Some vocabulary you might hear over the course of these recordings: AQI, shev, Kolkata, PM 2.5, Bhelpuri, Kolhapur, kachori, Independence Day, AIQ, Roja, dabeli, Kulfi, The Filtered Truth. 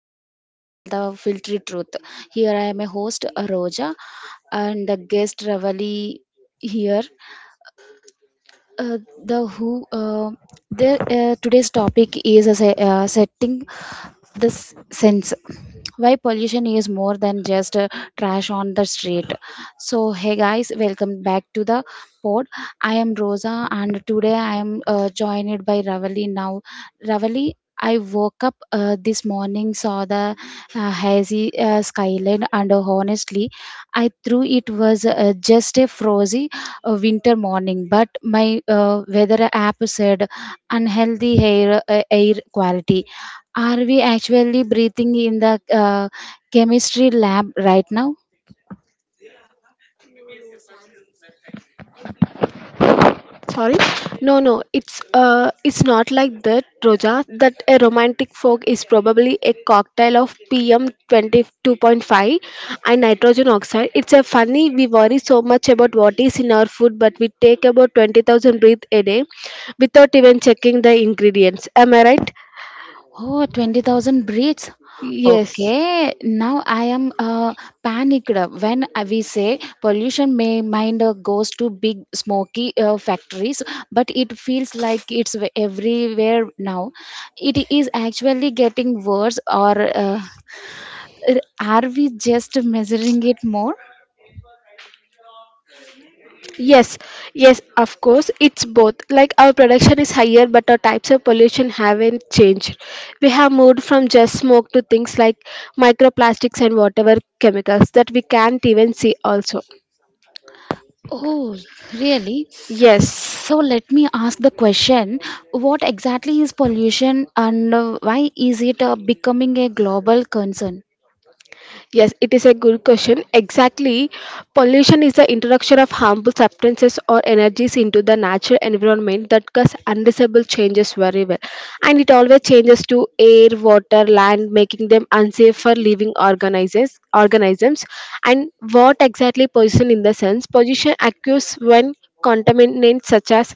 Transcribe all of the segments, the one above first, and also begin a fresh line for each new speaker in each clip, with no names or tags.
podcast channel, The Filtered Truth. Here I am a host, Roja, and the guest Ravali here uh, the who uh, the today's topic is setting this sense why pollution is more than just trash on the street. So hey guys, welcome back to the pod. I am Rosa and today I am joined by Ravali. Now Ravali, I woke up this morning, saw the hazy skyline, and honestly, I thought it was just a frozy a winter morning, but my weather app said unhealthy air, air quality. Are we actually breathing in the chemistry lab right now?
Sorry? No, no, it's not like that, Roja. That a romantic fog is probably a cocktail of PM 22.5 and nitrogen oxide. It's a funny we worry so much about what is in our food, but we take about 20,000 breaths a day without even checking the ingredients. Am I right?
Oh, 20,000 breaths.
Yes.
Okay, now I am panicked. When we say pollution, may mind goes to big smoky factories, but it feels like it's everywhere now. It is actually getting worse, or r- are we just measuring it more?
Yes, yes, of course, it's both. Like our production is higher, but our types of pollution haven't changed. We have moved from just smoke to things like microplastics and whatever chemicals that we can't even see, also.
Oh, really?
Yes.
So let me ask the question, what exactly is pollution and why is it becoming a global concern?
Yes, it is a good question. Exactly. Pollution is the introduction of harmful substances or energies into the natural environment that cause undesirable changes very well. And it always changes to air, water, land, making them unsafe for living organisms. And what exactly pollution in the sense? Pollution occurs when contaminants such as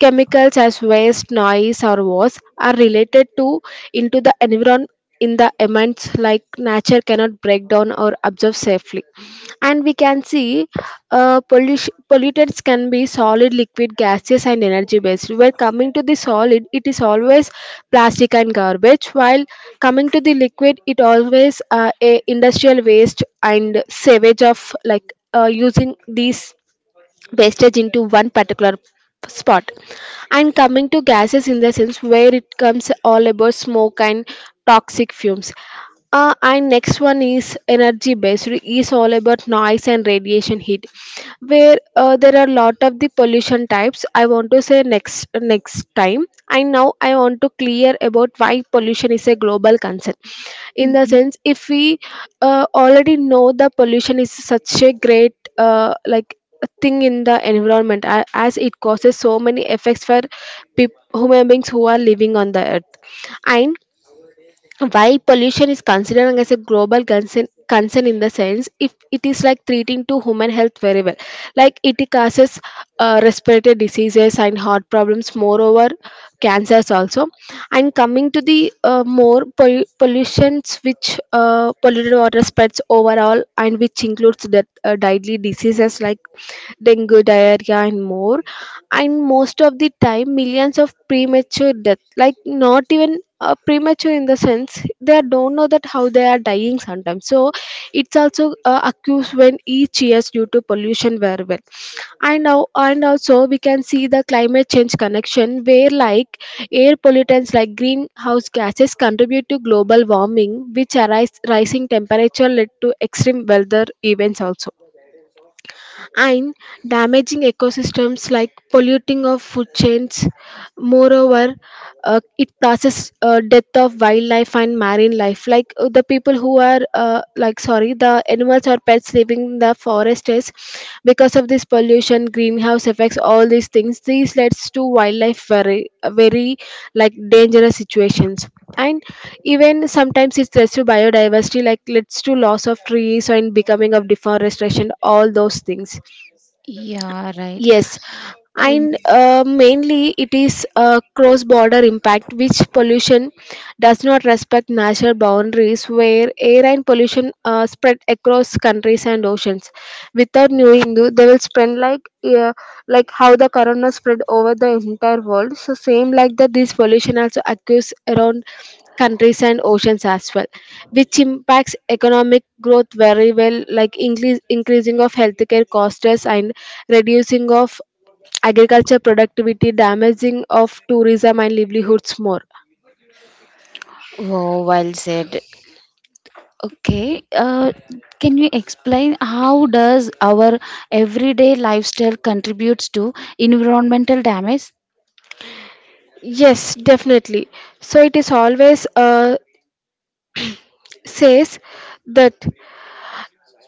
chemicals as waste, noise or was are related to into the environment in the amends like nature cannot break down or absorb safely, and we can see pollutants can be solid liquid gaseous and energy based. Where coming to the solid, it is always plastic and garbage, while coming to the liquid it always a industrial waste and sewage of like using these wastage into one particular spot. And coming to gases in the sense, where it comes all about smoke and toxic fumes. And next one is energy based, is all about noise and radiation heat, where there are lot of the pollution types I want to say next time. And now I want to clear about why pollution is a global concern, in the
Mhm.
sense if we already know the pollution is such a great like thing in the environment, as it causes so many effects for human beings who are living on the earth. And why pollution is considered as a global concern, in the sense if it is like treating to human health very well, like it causes respiratory diseases and heart problems, moreover cancers also. And coming to the more pollutions, which polluted water spreads overall and which includes the deadly diseases like dengue diarrhea and more. And most of the time, millions of premature death, like not even premature in the sense they don't know that how they are dying sometimes, so it's also accused when each years due to pollution very well. And now and also we can see the climate change connection, where like air pollutants like greenhouse gases contribute to global warming, which arise rising temperature led to extreme weather events also, and damaging ecosystems like polluting of food chains. Moreover, it causes death of wildlife and marine life. Like the people who are like sorry, the animals or pets living in the forest is because of this pollution, greenhouse effects, all these things. These leads to wildlife very like dangerous situations. And even sometimes it leads to biodiversity, like leads to loss of trees and becoming of deforestation, all those things.
Yeah, right.
Yes,
Um,
and mainly it is a cross border impact, which pollution does not respect national boundaries, where air and pollution spread across countries and oceans. Without knowing, they will spread like how the corona spread over the entire world. So same like that, this pollution also occurs around countries and oceans as well, which impacts economic growth very well like increasing of healthcare costs and reducing of agriculture productivity, damaging of tourism and livelihoods more.
Wow, well said. Okay, can you explain how does our everyday lifestyle contributes to environmental damage?
Yes, definitely. So it is always says that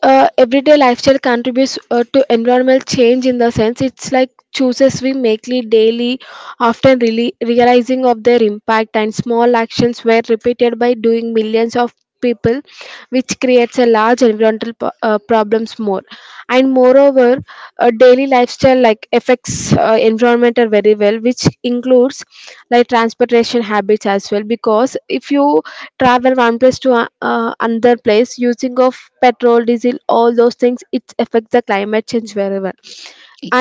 everyday lifestyle contributes to environmental change, in the sense it's like choices we make daily, often really realizing of their impact, and small actions were repeated by doing millions of people, which creates a large environmental problems more. And moreover, daily lifestyle like affects environmental very well, which includes like transportation habits as well, because if you travel one place to another place, using of petrol diesel all those things, it affects the climate change very well.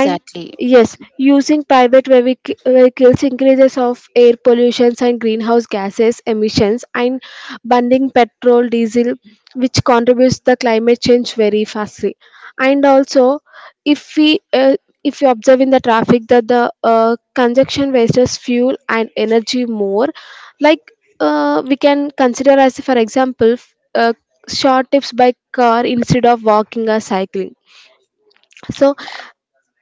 And yes, using private vehicles increases of air pollutions and greenhouse gases emissions, and burning petrol, diesel, which contributes the climate change very fastly. And also, if we if you observe in the traffic that the congestion wastes fuel and energy more, like we can consider as for example short trips by car instead of walking or cycling. So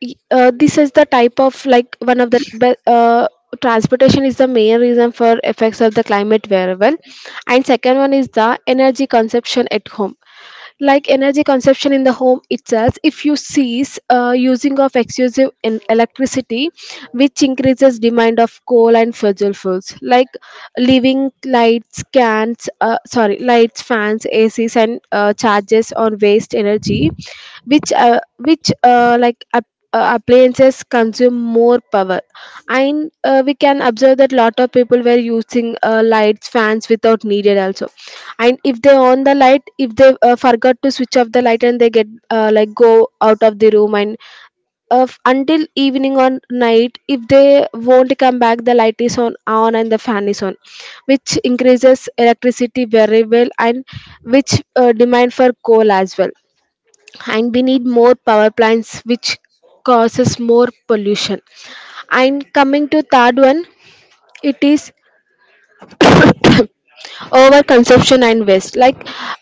this is the type of like one of the transportation is the main reason for effects of the climate variable. And second one is the energy consumption at home, like energy consumption in the home itself, if you cease using of excessive in electricity, which increases demand of coal and fossil fuels, like leaving lights cans sorry lights fans acs and charges on waste energy, which appliances consume more power. And we can observe that lot of people were using lights fans without needed also, and if they on the light, if they forgot to switch off the light, and they get like go out of the room, and until evening or night if they won't come back, the light is on and the fan is on, which increases electricity very well, and which demand for coal as well, and we need more power plants which causes more pollution. And coming to third one, it is over consumption and waste. Like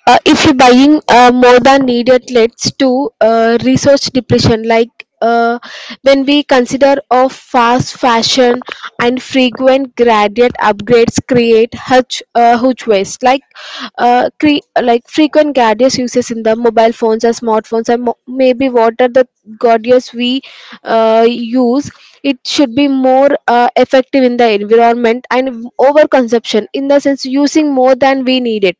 if you're buying more than needed, leads to resource depletion. Like uh, when we consider of fast fashion and frequent gradient upgrades create huge waste. Like like frequent gadgets uses in the mobile phones or smartphones, and maybe what are the gadgets we use, it should be more effective in the environment. And over consumption in the sense using more than we need it,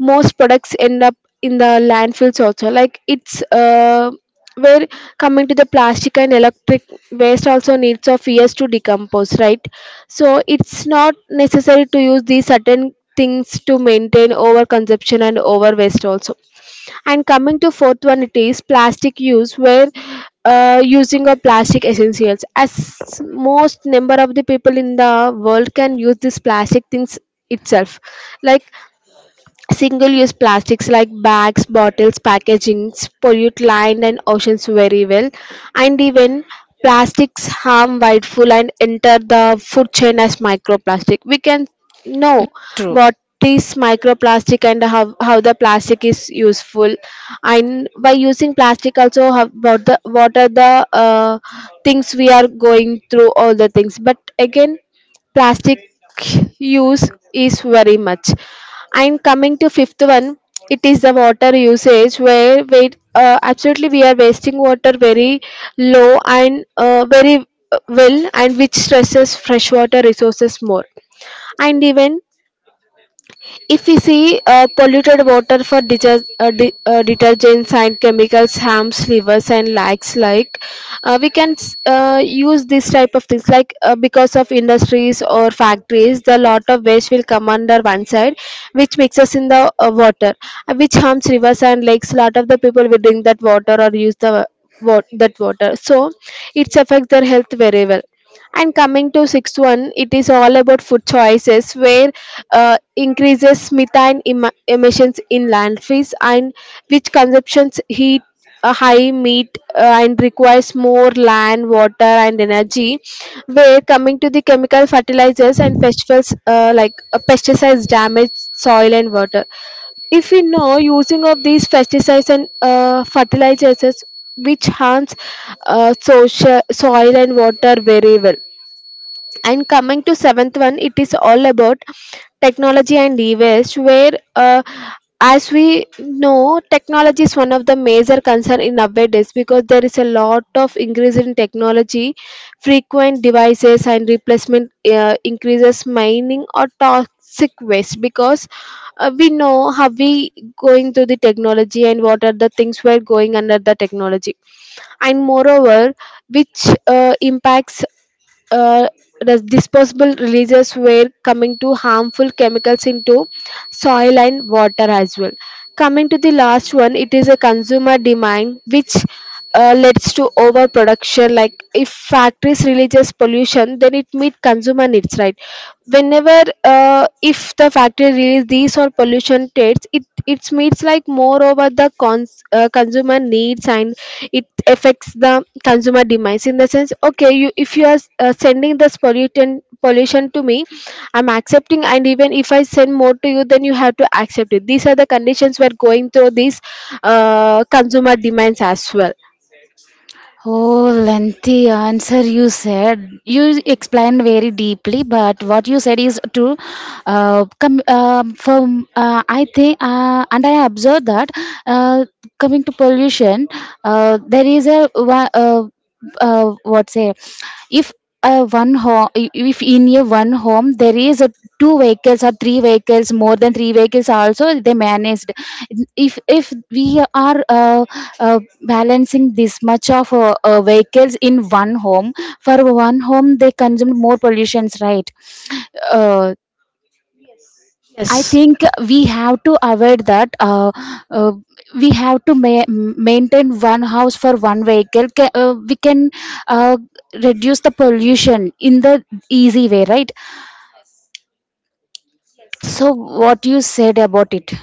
most products end up in the landfills also, like it's where coming to the plastic and electric waste, also needs of years to decompose, right? So it's not necessary to use these certain things to maintain over consumption and over waste also. And coming to fourth one, it is plastic use, where using of plastic essentials, as most number of the people in the world can use this plastic things itself, like single use plastics like bags, bottles, packagings pollute land and oceans very well. And even plastics harm whiteful and enter the food chain as microplastic. We can know
True.
what is microplastic and how the plastic is useful, and by using plastic also how, what the what are the things we are going through all the things. But again, plastic
It
use is
is very
very
important.
much. And coming to fifth one, it is the water usage, where we absolutely we are wasting water very low and very well, and which stresses freshwater resources more. And even if we see polluted water for detergents and chemicals harms livers and likes, like we can use this type of things, like because of industries or factories, the lot of waste will come under one side, which mixes in the water, which harms rivers and lakes, lot of the people will drink that water or use the that water, so it affects their health very well. And coming to sixth one, it is all about food choices, where increases methane emissions in landfills, and which consumes heat high meat and requires more land water and energy. Where coming to the chemical fertilizers and festivals pesticides damage soil and water, if we know using of these pesticides and fertilizers, which harms soil and water very well. And coming to seventh one, it is all about technology and e-waste, where as we know technology is one of the major concern in nowadays, because there is a lot of increase in technology, frequent devices and replacement increases mining or toxic waste, because we know how we going to the technology and what are the things we're going under the technology. And moreover, which impacts uh, disposable releases were coming to harmful chemicals into soil and water as well. Coming to the last one, it is a consumer demand, which leads to overproduction. Like if factories releases pollution, then it meet consumer needs, right? Whenever if the factory release these or pollution rates, it meets like more over the consumer needs, and it affects the consumer demise in the sense, okay, you, if you are sending this pollutant pollution to me, I'm accepting, and even if I send more to you, then you have to accept it. These are the conditions we're going through, these consumer demands as well.
Oh, lengthy answer you said. You explained very deeply, but what you said is true. From I think, and I observed that uh, coming to pollution, there is a wa- what say, if a one home, if in a one home there is a two vehicles or three vehicles, more than three vehicles also they managed. If we are balancing this much of vehicles in one home, for one home they consume more pollutions, right? uh, I
Yes.
think we have to avoid that. Uh, we have to maintain one house for one vehicle. We can uh, reduce the pollution in the easy way, right?
Yes.
So, what you said about it?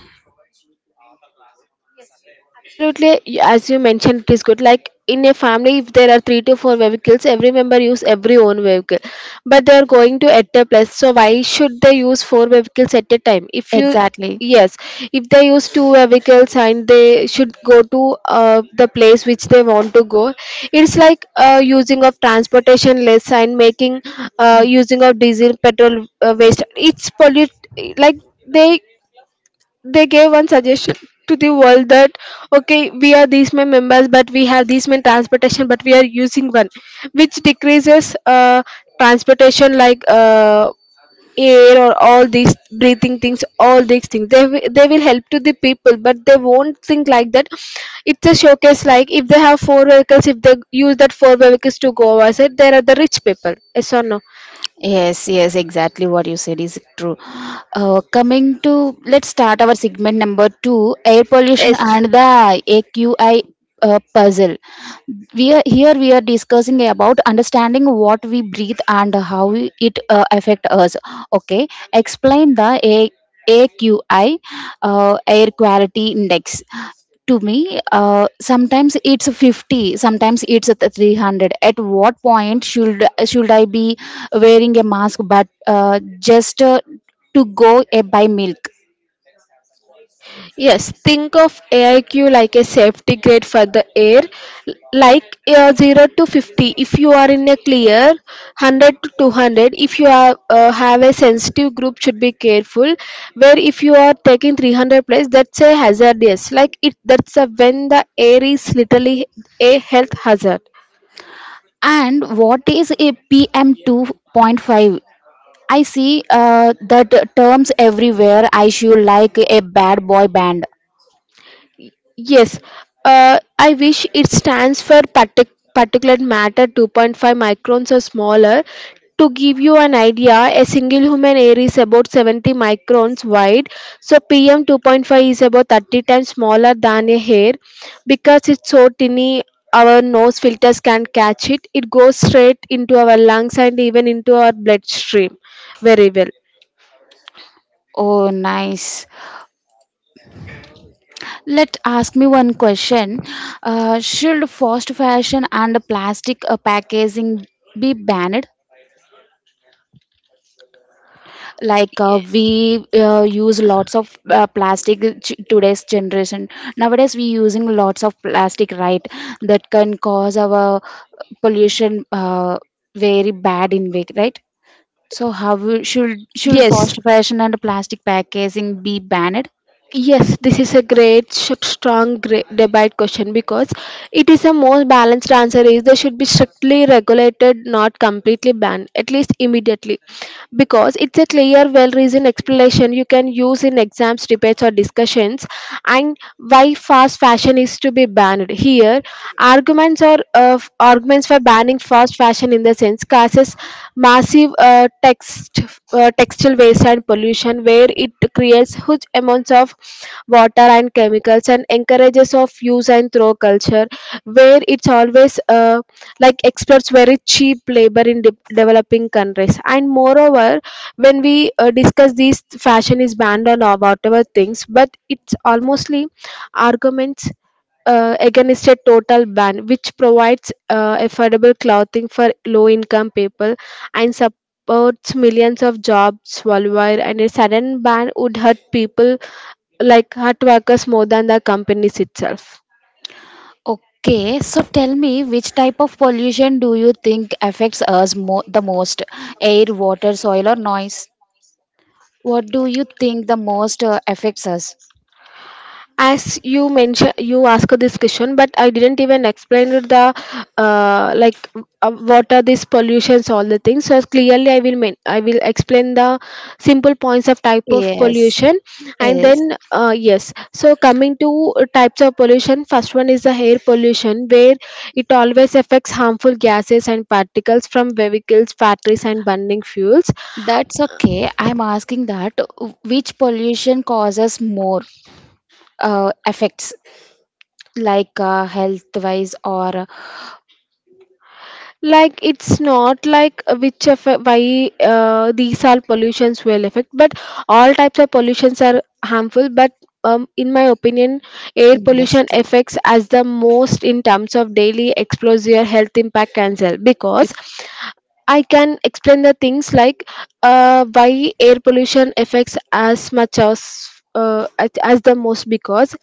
Absolutely, as you mentioned, it is good. Like in a family, if there are three to four vehicles, every member use every own vehicle. But they are going to at a place, so why should they use four vehicles at a time? If you,
Exactly.
yes, if they use two vehicles and they should go to the place which they want to go, it's like using of transportation less, and making
Mhm.
using of diesel petrol waste. It's pollute like they they gave one suggestion to the world that, okay, we are these many members but we have these many transportation, but we are using one, which decreases transportation like air or all these breathing things. All these things they, they will help to the people, but they won't think like that. It's a showcase. Like if they have four vehicles, if they use that four vehicles to go outside, there are the rich people, yes or no?
Yes, yes, exactly what you said is true. Coming to, let's start our segment number two, air pollution and
Yes.
the AQI puzzle. We are here, we are discussing about understanding what we breathe and how it affect us. Okay, explain the AQI, air quality index to me. Sometimes it's 50, sometimes it's at the 300. At what point should I be wearing a mask, but just to go buy milk?
Yes, think of AIQ like a safety grade for the air, like 0 to 50 if you are in a clear, 100 to 200 if you are, have a sensitive group should be careful, where if you are taking 300 plus, that's a hazardous, like it that's a, when the air is literally a health hazard.
And what is a pm 2.5? I see that terms everywhere. I should like a bad boy band.
Yes, I wish it stands for particulate matter 2.5 microns or smaller. To give you an idea, a single human hair is about 70 microns wide, so PM 2.5 is about 30 times smaller than a hair. Because it's so tiny, our nose filters can't catch it. It goes straight into our lungs and even into our bloodstream very well.
Oh nice. Let ask me one question. Should fast fashion and plastic packaging be banned? Like
Yeah.
we use lots of today's generation, nowadays we using lots of plastic, right? That can cause our pollution very bad in way, right? So how should
Yes,
fast fashion and plastic packaging be banned?
yes, this is a great, strong great debate question because it is a more balanced answer. Is they should be strictly regulated, not completely banned, at least immediately, because it's a clear well reasoned explanation you can use in exams, debates, or discussions. And why fast fashion is to be banned here, arguments, or arguments for banning fast fashion in the sense causes massive textile waste and pollution, where it creates huge amounts of water and chemicals and encourages of use and throw culture, where it's always like exploits very cheap labor in developing countries. And moreover, when we discuss these fashion is banned on our whatever things, but it's almostly arguments against a total ban, which provides affordable clothing for low income people and supports millions of jobs worldwide, and a sudden ban would hurt people, like hurt workers more than the companies itself.
Okay, so tell me, which type of pollution do you think affects us the most? Air, water, soil, or noise? What do you think the most affects us?
As you mentioned, you asked this question, but I didn't even explain it, the uh, like what are these pollutions, all the things. So clearly I will I will explain the simple points of type of
Yes,
pollution. And then
yes.
yes, so coming to types of pollution, first one is the air pollution, where it always affects harmful gases and particles from vehicles, factories, and burning fuels.
That's okay. I'm asking that which pollution causes more effects, like health wise or.
Like it's not like which of why these all pollutions will affect, but all types of pollutions are harmful. But in my opinion, air pollution affects as the most in terms of daily exposure, health impact, cancer, because I can explain the things like why air pollution affects as much as as the most. Because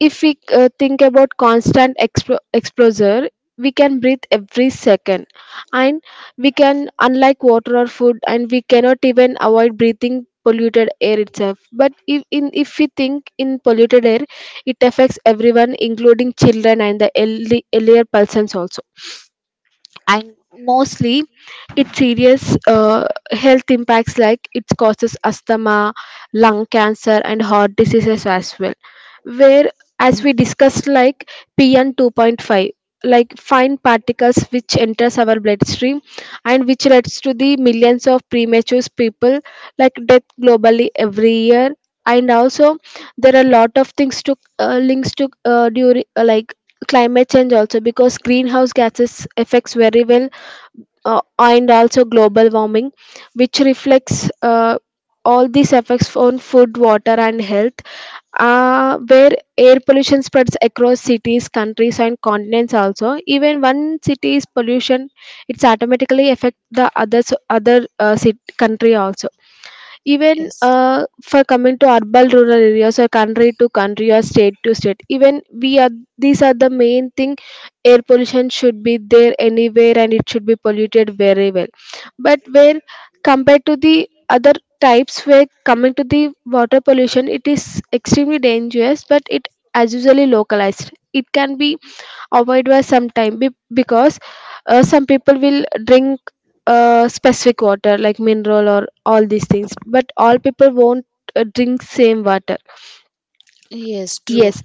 if we think about constant exposure, we can breathe every second, and we can, unlike water or food, and we cannot even avoid breathing polluted air itself. But if in, if we think in polluted air, it affects everyone including children and the elderly, earlier persons also. And mostly its serious health impacts, like it causes asthma, lung cancer, and heart diseases as well. Where, as we discussed, like pn 2.5, like fine particles which enters our bloodstream and which leads to the millions of premature people, like death globally every year. And also there are a lot of things to links to during like climate change also, because greenhouse gases affects very well, and also global warming, which reflects all these effects on food, water, and health. Where air pollution spreads across cities, countries, and continents also. Even one city's pollution, it's automatically affect the others, other country also. Even for coming to urban rural areas, or country to country, or state to state, even we are, these are the main thing. Air pollution should be there anywhere, and it should be polluted very well. But where, compared to the other types, where coming to the water pollution, it is extremely dangerous, but it as usually localized, it can be avoided by some time, because some people will drink specific water like mineral or all these things, but all people won't drink same water.
Yes, true.
Yes.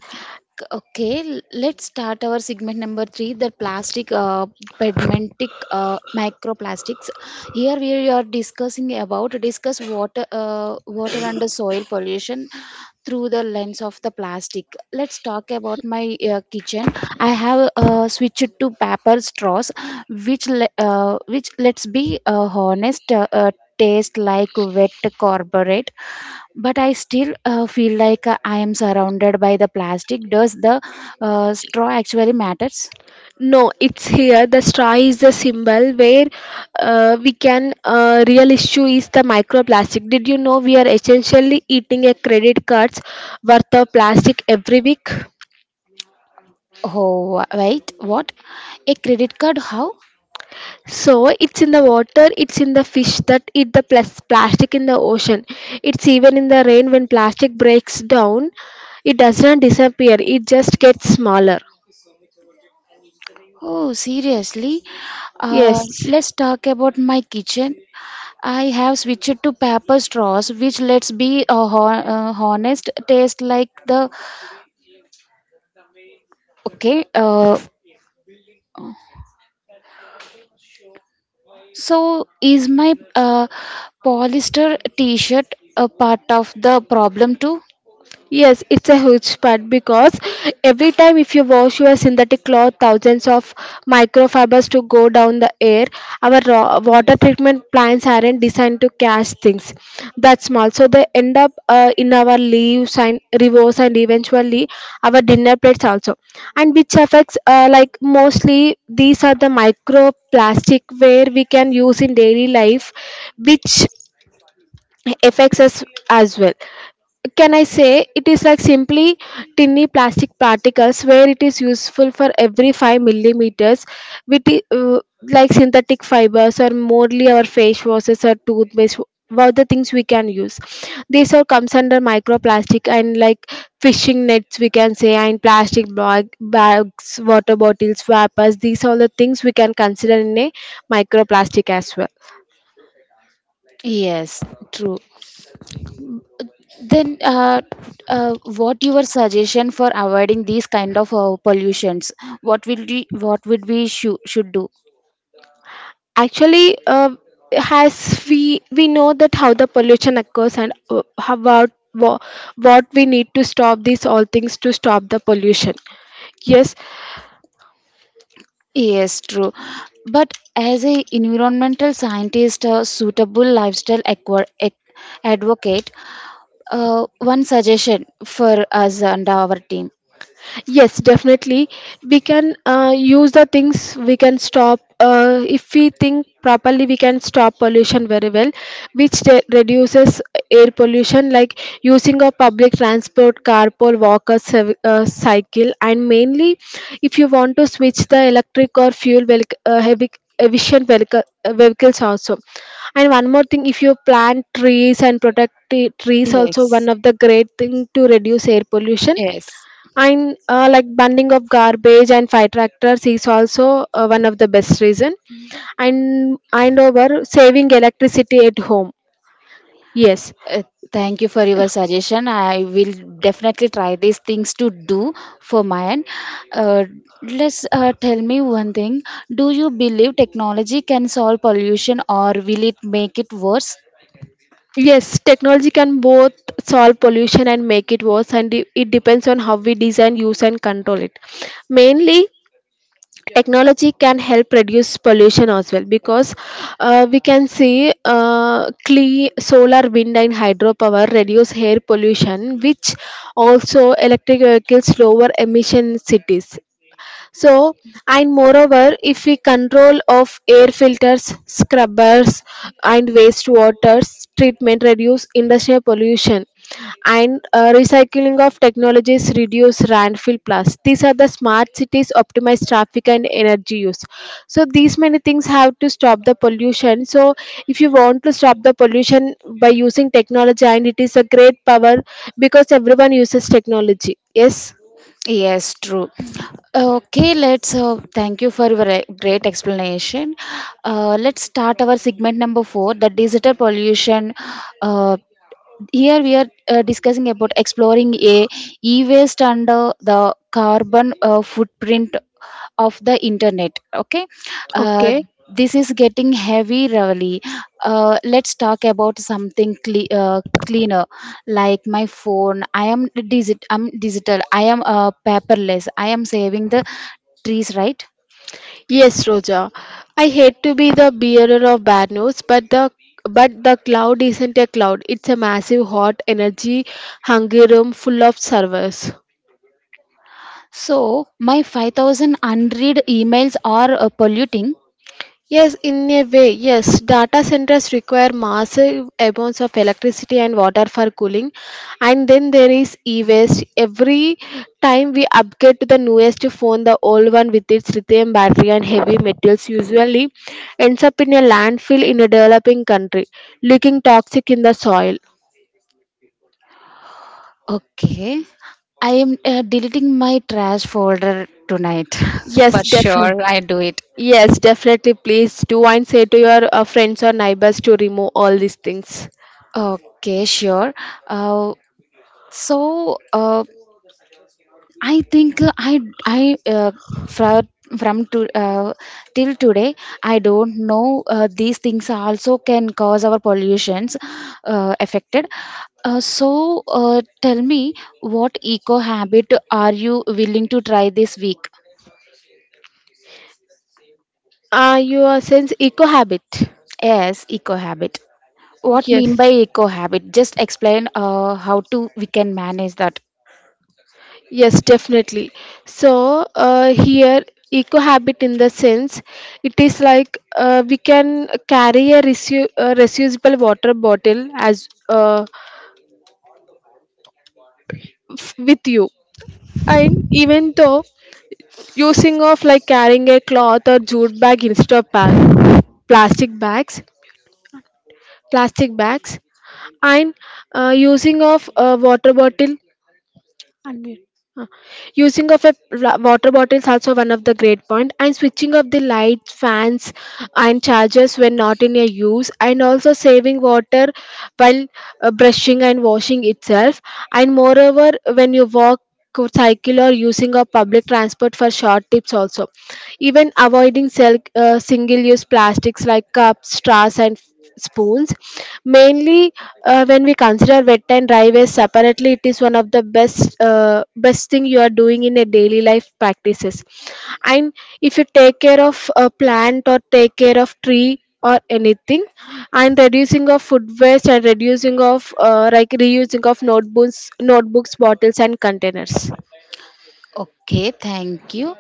Okay, let's start our segment number three, the plastic, pedmentic, microplastics. Here we are discussing about discuss water, water and the soil pollution through the lens of the plastic. Let's talk about my kitchen. I have switched to paper straws, which let's be honest. Taste like wet corporate, but I still feel like I am surrounded by the plastic. Does the straw actually matters?
No, it's here. The straw is the symbol where we can real issue is the microplastic. Did you know we are essentially eating a credit cards worth of plastic every week?
Oh wait, what? A credit card, how?
So it's in the water, it's in the fish that eat the plastic in the ocean, it's even in the rain. When plastic breaks down, it does not disappear, it just gets smaller.
Oh seriously.
Yes.
Let's talk about my kitchen. I have switched to paper straws which let's be honest, taste like the. Okay, so, is my polyester t shirt a part of the problem too?
Yes, it's a huge part because every time if you wash your synthetic cloth, thousands of microfibers to go down the air. Our raw water treatment plants aren't designed to catch things that small, so they end up in our leaves and rivers and eventually our dinner plates also. And which affects like mostly these are the microplastic where we can use in daily life, which affects us as well. Can I say it is like simply tiny plastic particles, where it is useful for every 5 millimeters with like synthetic fibers, or morely our face washes or toothpaste, what the things we can use, these all comes under microplastic. And like fishing nets we can say, and bags, water bottles, wrappers, these all the things we can consider in a microplastic as well.
Yes, true. Then, what your suggestion for avoiding these kind of pollutions? What would we should do?
Actually, as we know that how the pollution occurs and how about what we need to stop these all things to stop the pollution. Yes.
Yes, true. But as a environmental scientist, a suitable lifestyle advocate, one suggestion for us and our team.
Yes, definitely. We can use the things we can stop. If we think properly, we can stop pollution very well, which reduces air pollution, like using of public transport, carpool, walkers, cycle, and mainly, if you want to switch the
Ahead
electric or fuel heavy efficient vehicles also. And one more thing, if you plant trees and
and
protect
cream.
trees, also one
Yes,
of the great thing to reduce air pollution.
yes.
And like bundling of garbage and fire tractors is also one of the best reason. And over saving electricity at home. Yes,
Uh, Thank you for your suggestion. I will definitely try these things to do for mine. Uh, let's tell me one thing. Do you believe technology can solve pollution or will it make it worse?
yes, technology can both solve pollution and make it worse, and it depends on how we design, use, and control it. Mainly, technology can help reduce pollution as well, because we can see clean solar, wind, and hydropower reduce air pollution, which also electric vehicles lower emission cities. So, and moreover, if we control of air filters, scrubbers, and wastewater treatment reduce industrial pollution, and recycling of technologies reduce landfill plus, these are the smart cities optimize traffic and energy use. So these many things have to stop the pollution. So if you want to stop the pollution by using technology, and it is a great power, because everyone uses technology, yes.
Yes, true. Okay, let's thank you for your great explanation. Let's start our segment number four, the digital pollution. uh, Here we are discussing about exploring a e-waste and the carbon footprint of the internet. Okay, uh,
Okay.
this is getting heavy, Ravali. Let's talk about something cleaner, like my phone. I am digit. I'm digital. I am paperless. I am saving the trees, right?
Yes, Roja. I hate to be the bearer of bad news, but the cloud isn't a cloud. It's a massive hot energy hungry room full of servers.
So my 5,000 unread emails are polluting.
Yes, in a way, yes. Data centers require massive amounts of electricity and water for cooling. And then there is e waste. Every time we upgrade to the newest phone, the old one with its lithium battery and heavy metals usually ends up in a landfill in a developing country, leaking toxic in the soil.
Okay. I am deleting my trash folder tonight.
Yes,
For
definitely.
sure, I do it.
Yes, definitely. Please do, and say to your friends or neighbors to remove all these things.
Okay, sure. Uh, so uh, I think I from from to till today I don't know these things also can cause our pollutions affected. Tell me, what eco habit are you willing to try this week?
Your sense eco habit.
Yes, eco habit. What mean
Yes.
by eco habit? Just explain how to we can manage that.
Yes, definitely. So here, eco habit in the sense, it is like we can carry a, reu- a reusable water bottle as with you. And even though using of, like, carrying a cloth or jute bag instead of plastic bags, plastic bags, and using of a water bottle. Huh. Using of a water bottle is also one of the great point. And switching off the lights, fans, and chargers when not in a use, and also saving water while brushing and washing itself. And moreover, when you walk, cycle, or using of public transport for short tips also, even avoiding single use plastics like cups, straws, and spoons. Mainly when we consider wet and dry waste separately, it is one of the best best thing you are doing in a daily life practices. And if you take care of a plant, or take care of tree, or anything, and reducing of food waste, and reducing of like reusing of notebooks, bottles, and containers.
Okay, thank you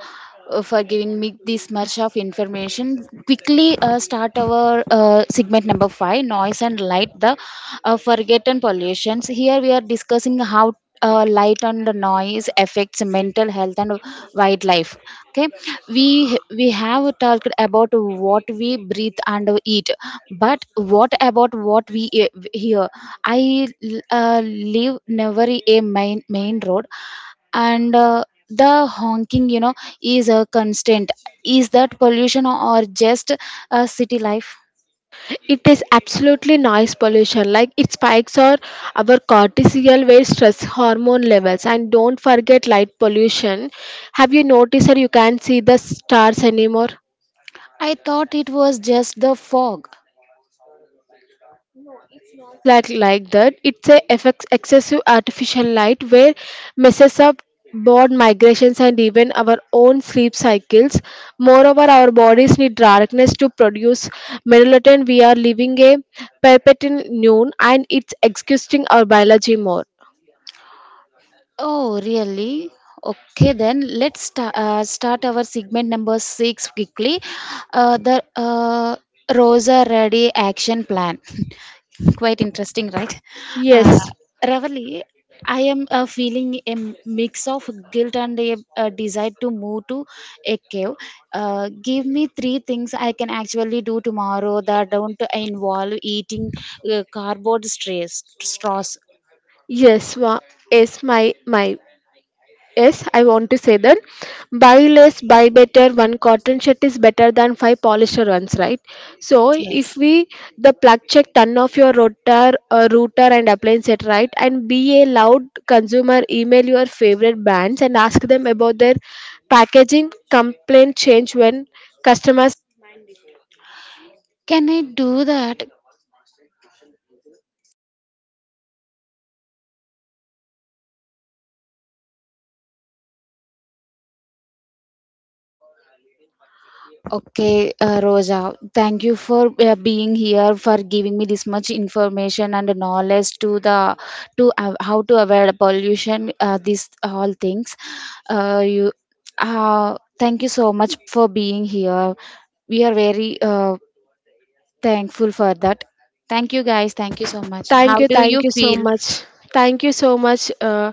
for giving me this much of information. Quickly start our segment number five, noise and light, the forgotten pollutions. Here we are discussing how light and noise affects mental health and wildlife. Okay, we have talked about what we breathe and eat, but what about what we hear? I live never a main road and the honking you know is a constant. Is that pollution or just a city life?
It is absolutely noise pollution. Like it spikes our cortisol, where stress hormone levels. And don't forget light pollution. Have you noticed that you can't see the stars anymore?
I thought it was just the fog.
Not like that. It's a effects excessive artificial light, where messes up bird migrations and even our own sleep cycles. Moreover, our bodies need darkness to produce melatonin. We are living a perpetual noon, and it's exhausting our biology more.
Oh really. Okay, then let's start our segment number 6 quickly, the Rosa ready action plan. Quite interesting, right? uh,
Yes.
Ravali, I am feeling a mix of guilt and a desire to move to a cave. Give me three things I can actually do tomorrow that don't involve eating cardboard strays straws.
Yes, wa- yes, my yes, I want to say that buy less, buy better. One cotton shirt is better than five polisher ones, right? So
Yes,
if we the plug check, turn off your router and appliance set, right? And be a loud consumer. Email your favorite brands and ask them about their packaging complaint change when customers.
can I do that? Okay, Rosa, thank you for being here, for giving me this much information and knowledge to the to how to avoid pollution, these all things. Uh, you, Thank you so much for being here. We are very thankful for that. Thank you, guys. Thank you so much. How do you
Thank you so
feel?
much. Thank you so much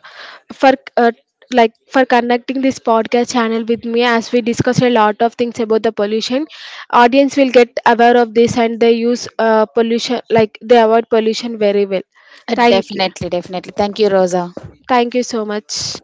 for uh, like for conducting this podcast channel with me, as we discuss a lot of things about the pollution. Audience will get aware of this, and they use pollution, like they avoid pollution very well. Thank you.
Definitely, definitely. Thank you, Rosa.
Thank you so much.